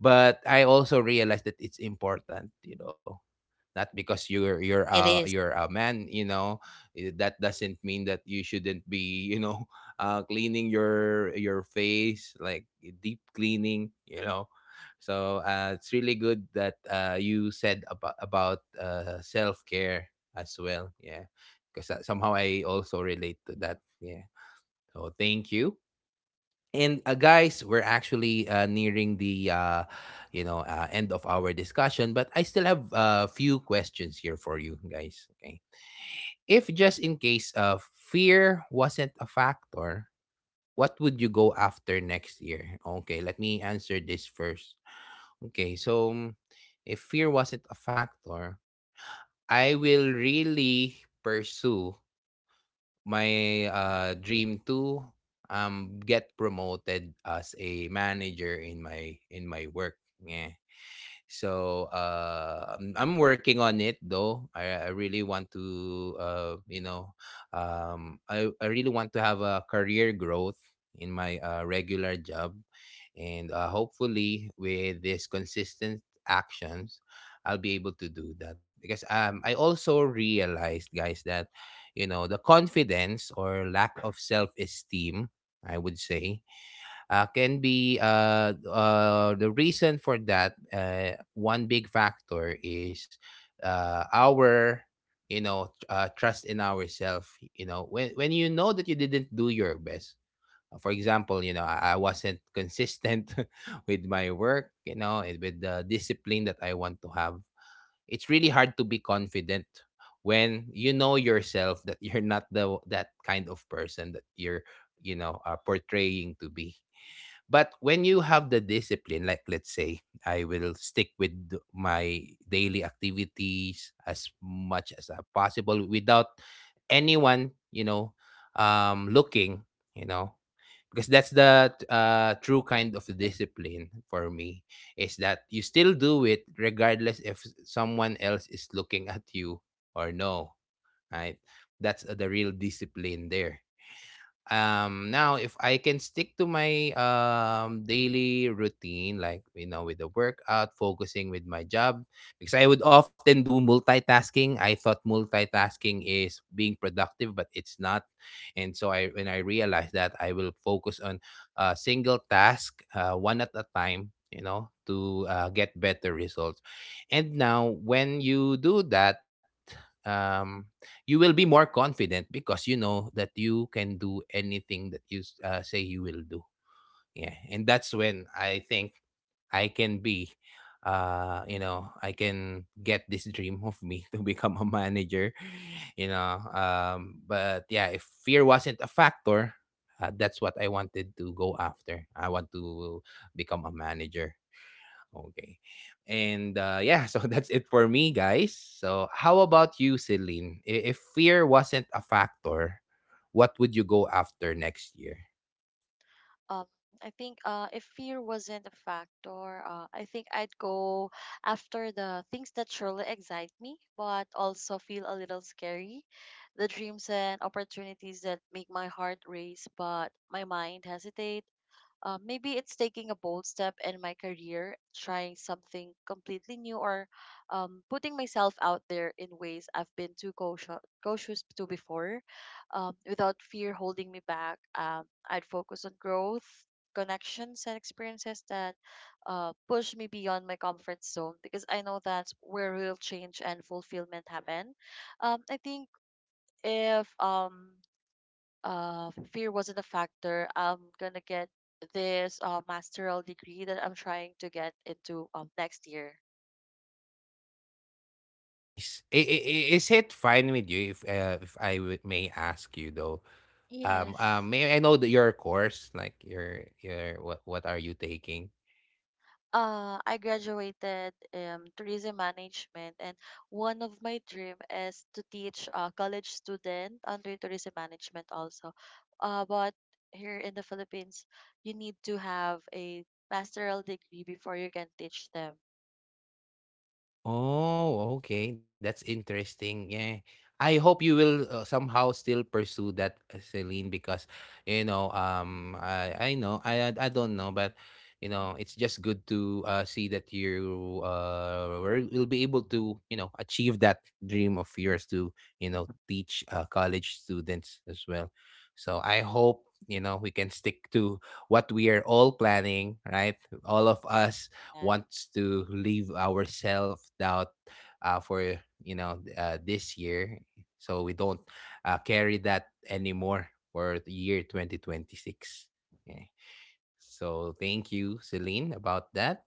but I also realized that it's important, you know. Not because you're you're
it
uh
is.
you're a man, you know, that doesn't mean that you shouldn't be, you know, <laughs> cleaning your face, like, deep cleaning, you know. So it's really good that you said about self care as well. Yeah, because somehow I also relate to that. Yeah. So thank you. And guys, we're actually nearing the, you know, end of our discussion, but I still have a few questions here for you, guys. Okay, if just in case, fear wasn't a factor, what would you go after next year? Okay, let me answer this first. Okay, so, if fear wasn't a factor, I will really pursue my, dream to, get promoted as a manager in my work, yeah. So I'm working on it though. I really want to, you know, I really want to have a career growth in my regular job. And hopefully, with these consistent actions, I'll be able to do that. Because I also realized, guys, that, you know, the confidence or lack of self esteem, I would say can be the reason for that. One big factor is our, you know, trust in ourselves. You know, when you know that you didn't do your best. For example, you know, I wasn't consistent <laughs> with my work. You know, and with the discipline that I want to have. It's really hard to be confident when you know yourself that you're not the that kind of person that you're you know are portraying to be, but when you have the discipline, like let's say I will stick with my daily activities as much as possible without anyone, you know, looking, you know, because that's the true kind of discipline for me, is that you still do it regardless if someone else is looking at you or no, right? That's the real discipline there. Now if I can stick to my daily routine, like you know, with the workout, focusing with my job, because I would often do multitasking. I thought multitasking is being productive, but it's not. And so I when I realized that, I will focus on a single task, one at a time, you know, to get better results. And now when you do that, um you will be more confident because you know that you can do anything that you say you will do. Yeah, and that's when I think I can be, I can get this dream of me <laughs> to become a manager. You know, but yeah, if fear wasn't a factor, that's what I wanted to go after. I want to become a manager. Okay. And yeah, so <laughs> that's it for me, guys. So, how about you, Celine? If fear wasn't a factor, what would you go after next year?
Um, I think if fear wasn't a factor, I think I'd go after the things that surely excite me, but also feel a little scary. The dreams and opportunities that make my heart race, but my mind hesitate. Maybe it's taking a bold step in my career, trying something completely new, or putting myself out there in ways I've been too cautious to before. Without fear holding me back, I'd focus on growth, connections, and experiences that push me beyond my comfort zone, because I know that's where real change and fulfillment happen. I think if fear wasn't a factor, I'm gonna get this masteral degree that I'm trying to get into next year.
Nice. Is it fine with you if I may ask you though?
Yes.
May I know that your course, like your what are you taking?
I graduated tourism management, and one of my dream is to teach college student under tourism management also. But here in the Philippines, you need to have a masteral degree before you can teach them.
Oh, okay. That's interesting. Yeah. I hope you will somehow still pursue that, Celine, because you know, I know, I don't know, but you know, it's just good to see that you will be able to you know achieve that dream of yours to you know teach college students as well. So I hope you know we can stick to what we are all planning, right? All of us wants to leave our self doubt for you know this year, so we don't carry that anymore for the year 2026. Okay. So thank you, Celine, about that.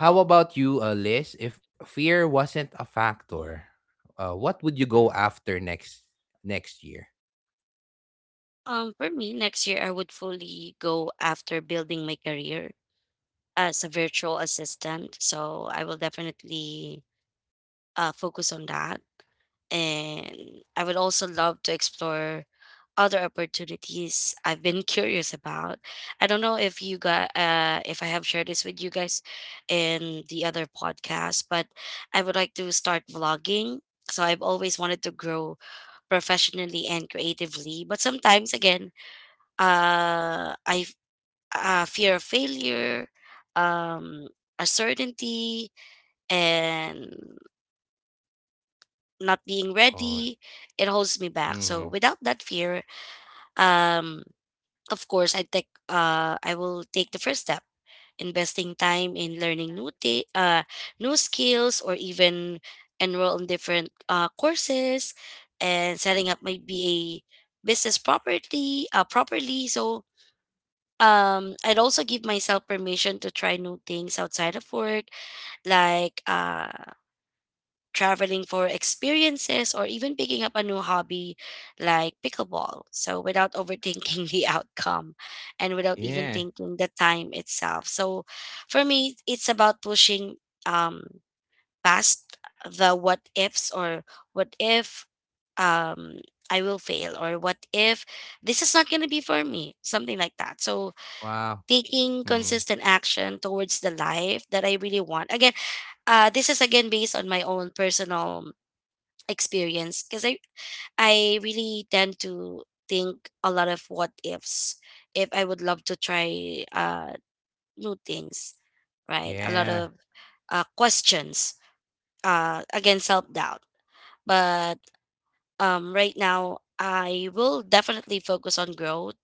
How about you, Liz? If fear wasn't a factor, what would you go after next year?
For me, next year I would fully go after building my career as a virtual assistant. So I will definitely, focus on that. And I would also love to explore other opportunities I've been curious about. I don't know if you got if I have shared this with you guys in the other podcast, but I would like to start vlogging. So I've always wanted to grow professionally and creatively, but sometimes again, I fear of failure, um, uncertainty, and not being
Oh,
ready. It holds me back.
mm-hmm.
So without that fear, um, of course, I will take the first step, investing time in learning, new skills, or even enroll in different, courses, and setting up my BA business, properly. So, I'd also give myself permission to try new things outside of work, like, traveling for experiences, or even picking up a new hobby like pickleball. So, without overthinking <laughs> the outcome, and without even
Yeah.
thinking the time itself. So, for me, it's about pushing um, past the what ifs or what if um, I will fail or what if this is not going to be for me, something like that. So,
Wow.
taking
Mm.
consistent action towards the life that I really want. Again, this is again based on my own personal experience because I really tend to think a lot of what ifs if I would love to try new things, right? A lot
Yeah.
of questions, again self doubt. But right now I will definitely focus on growth,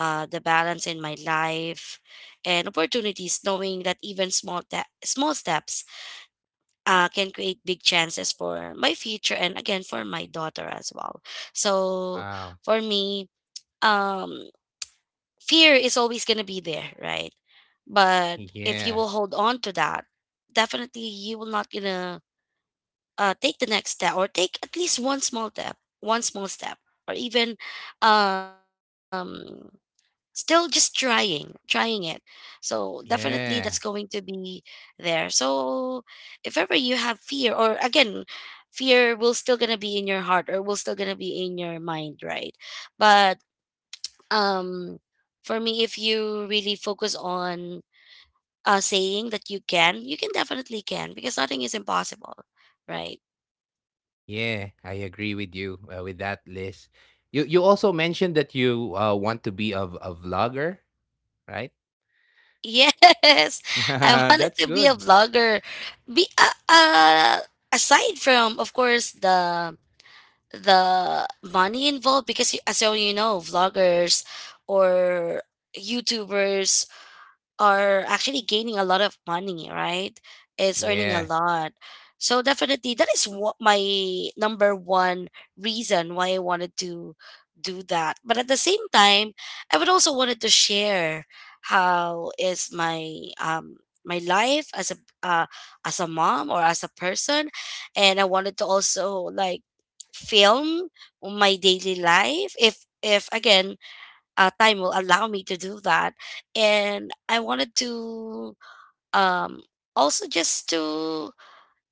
the balance in my life and opportunities, knowing that even small steps can create big chances for my future and again for my daughter as well. So
Wow.
for me, um, fear is always gonna be there, right? But if you
Yeah.
will hold on to that, definitely you will not gonna take the next step or take at least one small step, or even um still just trying it. So definitely that's
Yeah.
going to be there. So if ever you have fear, or again, fear will still gonna be in your heart or will still gonna be in your mind, right? But um for me, if you really focus on saying that you can, you can definitely can, because nothing is impossible, right?
Yeah, I agree with you with that, Liz. You also mentioned that you want to be a, a vlogger, right?
Yes, <laughs> I
<laughs>
wanted
That's
to be a
good.
vlogger, be aside from of course the money involved, because as you know, vloggers or youtubers are actually gaining a lot of money, right? It's earning a
Yeah,
lot. So definitely that is what my number one reason why I wanted to do that. But at the same time, I would also wanted to share how is my my life uh, as a mom or as a person. And I wanted to also like film my daily life, if again, time will allow me to do that. And I wanted to um also just to,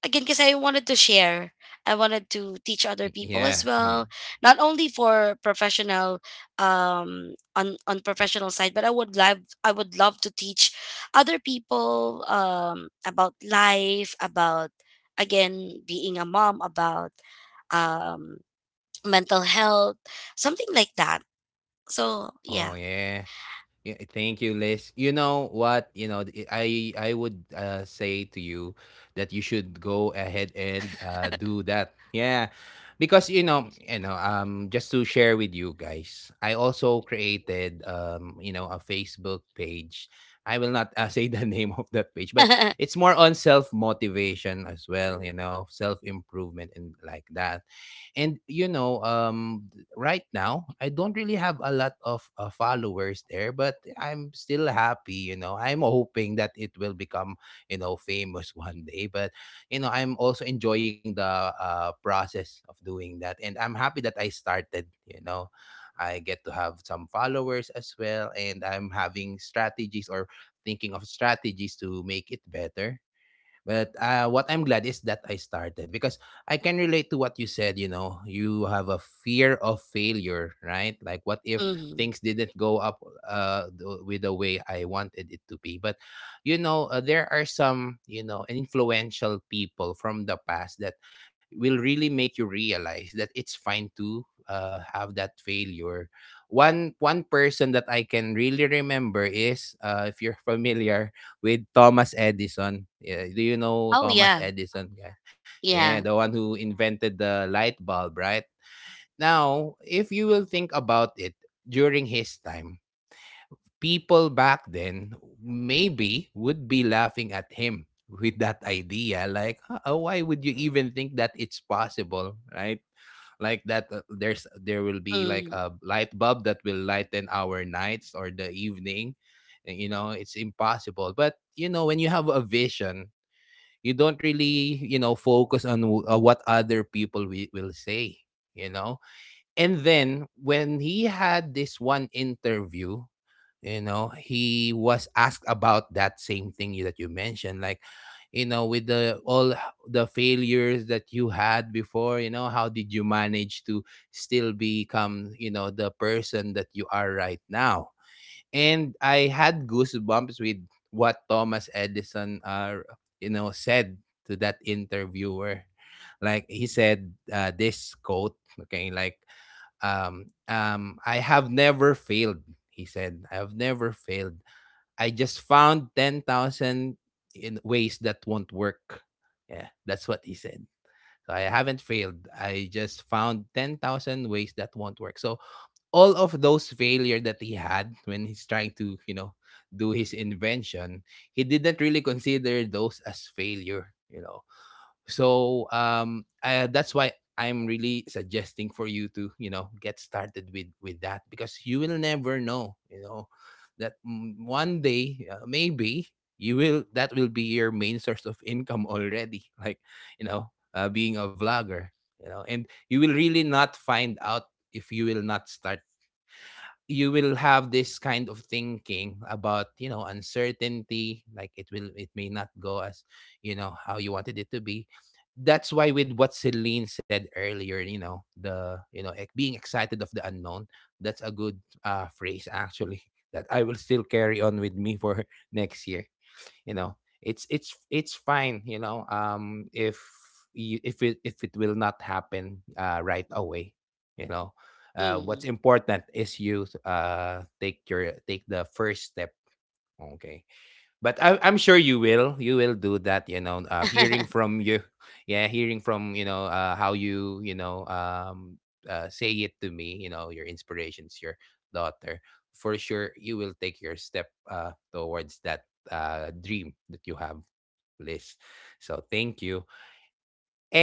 again, because I wanted to share, I wanted to teach other people as
yeah. Mm.
well, not only for professional, on professional side, but I would love, I would love to teach other people about life, about again being a mom, about um mental health, something like that. So
Oh
yeah. <laughs>
yeah. Yeah, thank you, Liz. You know what? You know, I would say to you that you should go ahead and do that. Yeah, because you know, just to share with you guys, I also created you know, a Facebook page. I will not <laughs> say the name of that page, but it's more on self motivation as well. You know, self improvement and like that. And you know, right now, I don't really have a lot of followers there, but I'm still happy. You know, I'm hoping that it will become, you know, famous <laughs> one day. But you know, I'm also enjoying the process of doing that, and I'm happy that I started. You know, I get to have some followers as well, and I'm having strategies or thinking of strategies to make it better, but what I'm glad is that I started because I can relate to what you said. You know, you have a fear of failure, right? Like, what if
Mhm.
things didn't go up with the way I wanted it to be? But, you know, there are some, you know, influential people from the past that will really make you realize that it's fine to have that failure. One person that I can really remember is, if you're <laughs> familiar, with Thomas Edison. Yeah, do you know
Oh
Thomas
yeah,
Edison, guy? Yeah, the
yeah.
one who invented the light bulb, right? Now, if you will think about it, during his time, people back then maybe would be laughing at him with that idea like, "Ah, ah, why would you even think that it's possible, right? Like that there will be like
Mm,
a light bulb that will lighten our nights or the evening, and, you know, it's impossible." But you know, when you have a vision, you don't really you know focus on what other people will say, you know. And then when he had this one interview, you know, he was asked about that same thing that you mentioned, like, you know, with the all the failures that you had before, you know, how did you manage to still become, you know, the person that you are right now? And I had goosebumps with what Thomas Edison you know said to that interviewer. Like, he said this quote, okay, like, "I have never failed," he said. "I have never failed. I just found 10,000 in ways that won't work." Yeah, that's what he said. So, "I haven't failed. I just found 10,000 ways that won't work." So all of those failure that he had when he's trying to, you know, do his invention, he didn't really consider those as failure, you know. So that's why I'm really suggesting for you to you know get started with that because you will never know, you know, that mm, one day maybe you will that will be your main source of income already <laughs> like, you know, being a vlogger, you know. And you will really not find out if you will not start. You will have this kind of thinking about, you know, uncertainty, like it will it may not go as you know how you wanted it to be. That's why with what Celine said earlier, you know, the you know ex- being excited of the unknown, that's a good phrase actually <laughs> that I will still carry on with me for <laughs> next year, you know. It's fine, you know, if if it if it will not happen right away, you know. What's
mm.
important is you take the first step, okay? But I'm sure you will. You will do that. You know, hearing
<laughs>
from you, <laughs> yeah, hearing from you, know, how you you know say it to me. You know, your inspirations, your daughter. For sure, you will take your step towards that dream that you have, Liz. So thank you.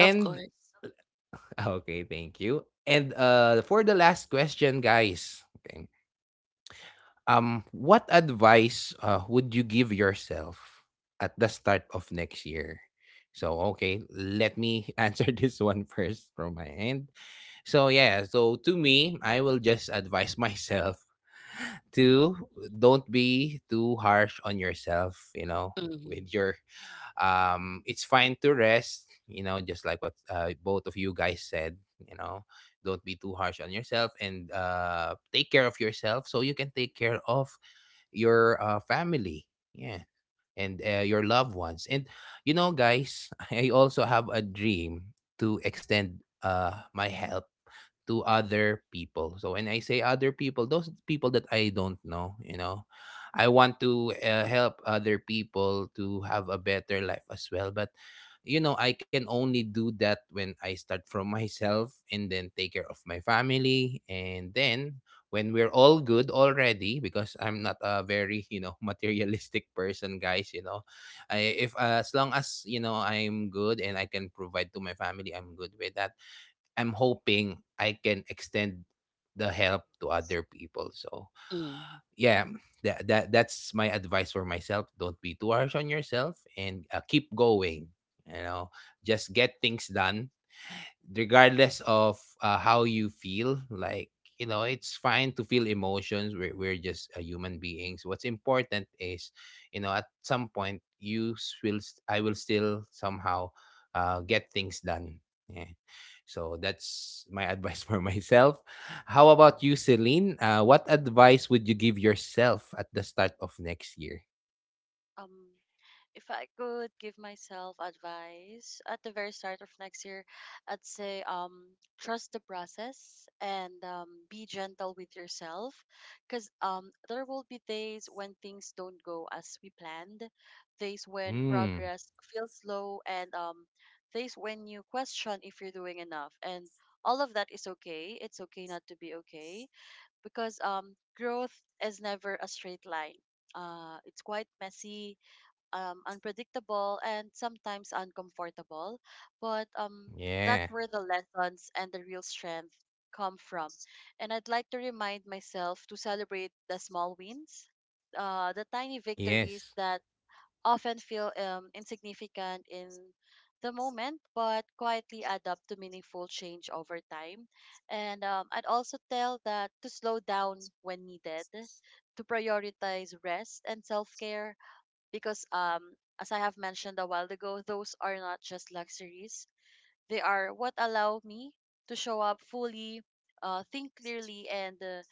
Of course.
<laughs> okay, thank you. And for the last question, guys. Okay. What advice would you give yourself at the start of next year? So, okay, let me <laughs> answer this one first from my end. So, yeah, so to me, I will just advise <laughs> myself to don't be too harsh on yourself, you know,
Mhm,
with your it's fine to rest, you know, just like what both of you guys said, you know. Don't be too harsh on yourself and take care of yourself so you can take care of your family, yeah, and your loved ones. And you know guys, <laughs> I also have a dream to extend my help to other people. So when I say other people, those people that I don't know, you know, I want to help other people to have a better life as well. But you know, I can only do that when I start from myself and then take care of my family, and then when we're all good already, because I'm not a very you know <laughs> materialistic person, guys, you know. If as long as you know I'm good and I can provide to my family, I'm good with that. I'm hoping I can extend the help to other people, so
mm.
yeah. That's my advice for myself: don't be too harsh on yourself and keep going, you know. Just get things done regardless of how you feel, like, you know, it's fine to feel emotions. We're just human beings. What's important is, you know, at some point you s- will s- I will still somehow get things done, yeah. So that's my advice <laughs> for myself. How about you, Celine? What advice would you give yourself at the start of next year?
Um, if I could give myself advice at the very start of next year, I'd say trust the process and be gentle with yourself, because there will be days when things don't go as we planned, days when
Mm,
progress feels slow, and days when you question if you're doing enough, and all of that is okay. It's okay not to be okay, because growth is never a straight line. It's quite messy, unpredictable, and sometimes uncomfortable. But
yeah.
that's where the lessons and the real strength come from. And I'd like to remind myself to celebrate the small wins, the tiny victories
Yes.
that often feel insignificant in the moment, but quietly add up to meaningful change over time. And I'd also tell that to slow down when needed, to prioritize rest and self care, because as I have mentioned a while ago, those are not just luxuries. They are what allow me to show up fully, think clearly, and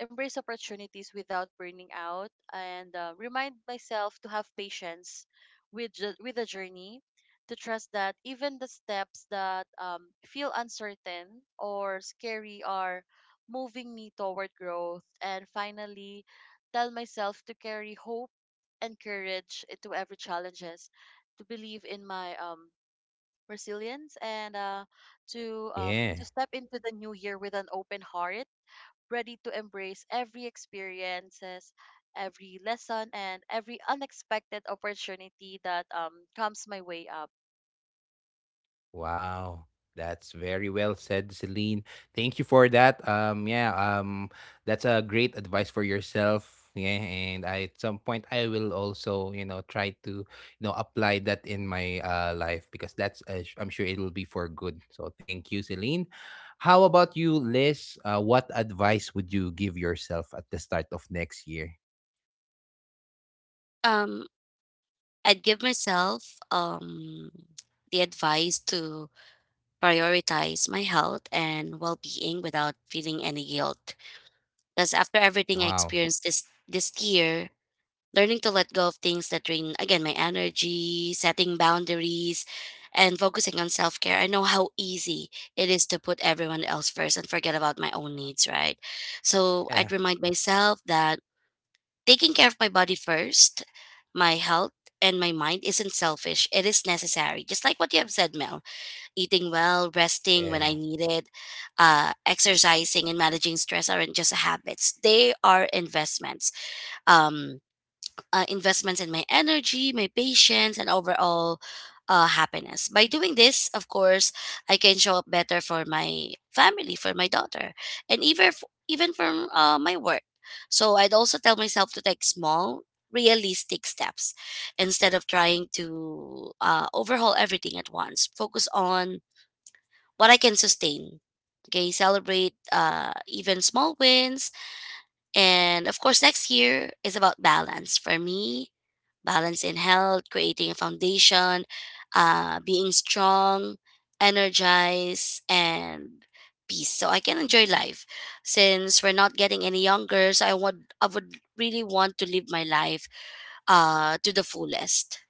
embrace opportunities without burning out, and remind myself to have patience with the journey, to trust that even the steps that feel uncertain or scary are moving me toward growth, and finally tell myself to carry hope and courage into every challenges, to believe in my resilience and
Yeah.
to step into the new year with an open heart, ready to embrace every experiences, every lesson, and every unexpected opportunity that comes my way up.
Wow, that's very well said, Celine. Thank you for that. Yeah, that's a great advice for yourself. Yeah, and at some point I will also, you know, try to, you know, apply that in my life because that's I'm sure it will be for good. So thank you, Celine. How about you, Liz? What advice would you give yourself at the start of next year?
Um, I'd give myself the advice to prioritize my health and well-being without feeling any guilt. Because after everything I
Wow.
experienced this year, learning to let go of things that drain again my energy, setting boundaries, and focusing on self-care. I know how easy it is to put everyone else first and forget about my own needs, right? So I'd
Yeah.
remind myself that taking care of my body first, my health, and my mind isn't selfish, it is necessary, just like what you have said, Mel. Eating well, resting when
Yeah.
I need it, exercising and managing stress aren't just habits, they are investments. um, investments in my energy, my patience, and overall happiness. By doing this, of course, I can show up better for my family, for my daughter, and even for my work. So I'd also tell myself to take small, realistic steps instead of trying to overhaul everything at once. Focus on what I can sustain. Okay, celebrate even small wins. And of course, next year is about balance for me, balance in health, creating a foundation, being strong, energized, and peace. So I can enjoy life, since we're not getting any younger. So I would really want to live my life to the fullest.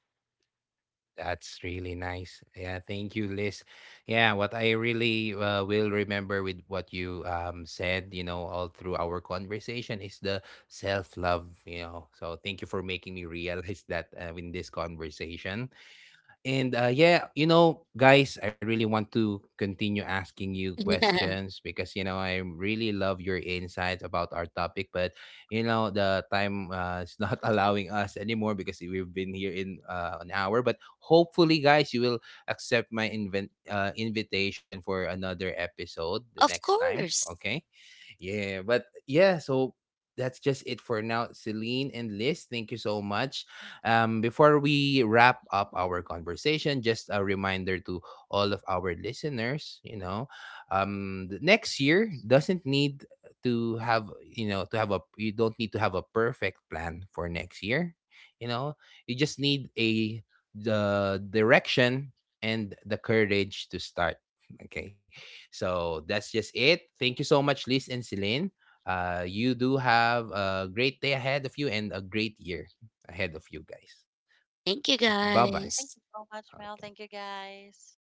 That's really nice. Yeah, thank you, Liz. Yeah, what I really will remember with what you said, you know, all through our conversation is the self love, you know. So thank you for making me realize <laughs> that in this conversation. And yeah, you know, guys, I really want to continue asking you
<laughs>
questions because you know I really love your insights about our topic. But you know, the time is not <laughs> allowing us anymore because we've been here in an hour. But hopefully, guys, you will accept my invent invitation for another episode the
Of
next time.
course.
Okay. Yeah, but yeah, so that's just it for now, Celine and Liz. Thank you so much. Before we wrap up our conversation, just a reminder to all of our listeners, you know, the next year doesn't need to have, you know, you don't need to have a perfect plan for next year. You know, you just need a the direction and the courage to start. Okay. So that's just it. Thank you so much, Liz and Celine. You do have a great day ahead of you and a great year ahead of you, guys.
Thank you
Bye bye.
Thank
guys.
you so much, Mel.
Okay.
Thank you, guys.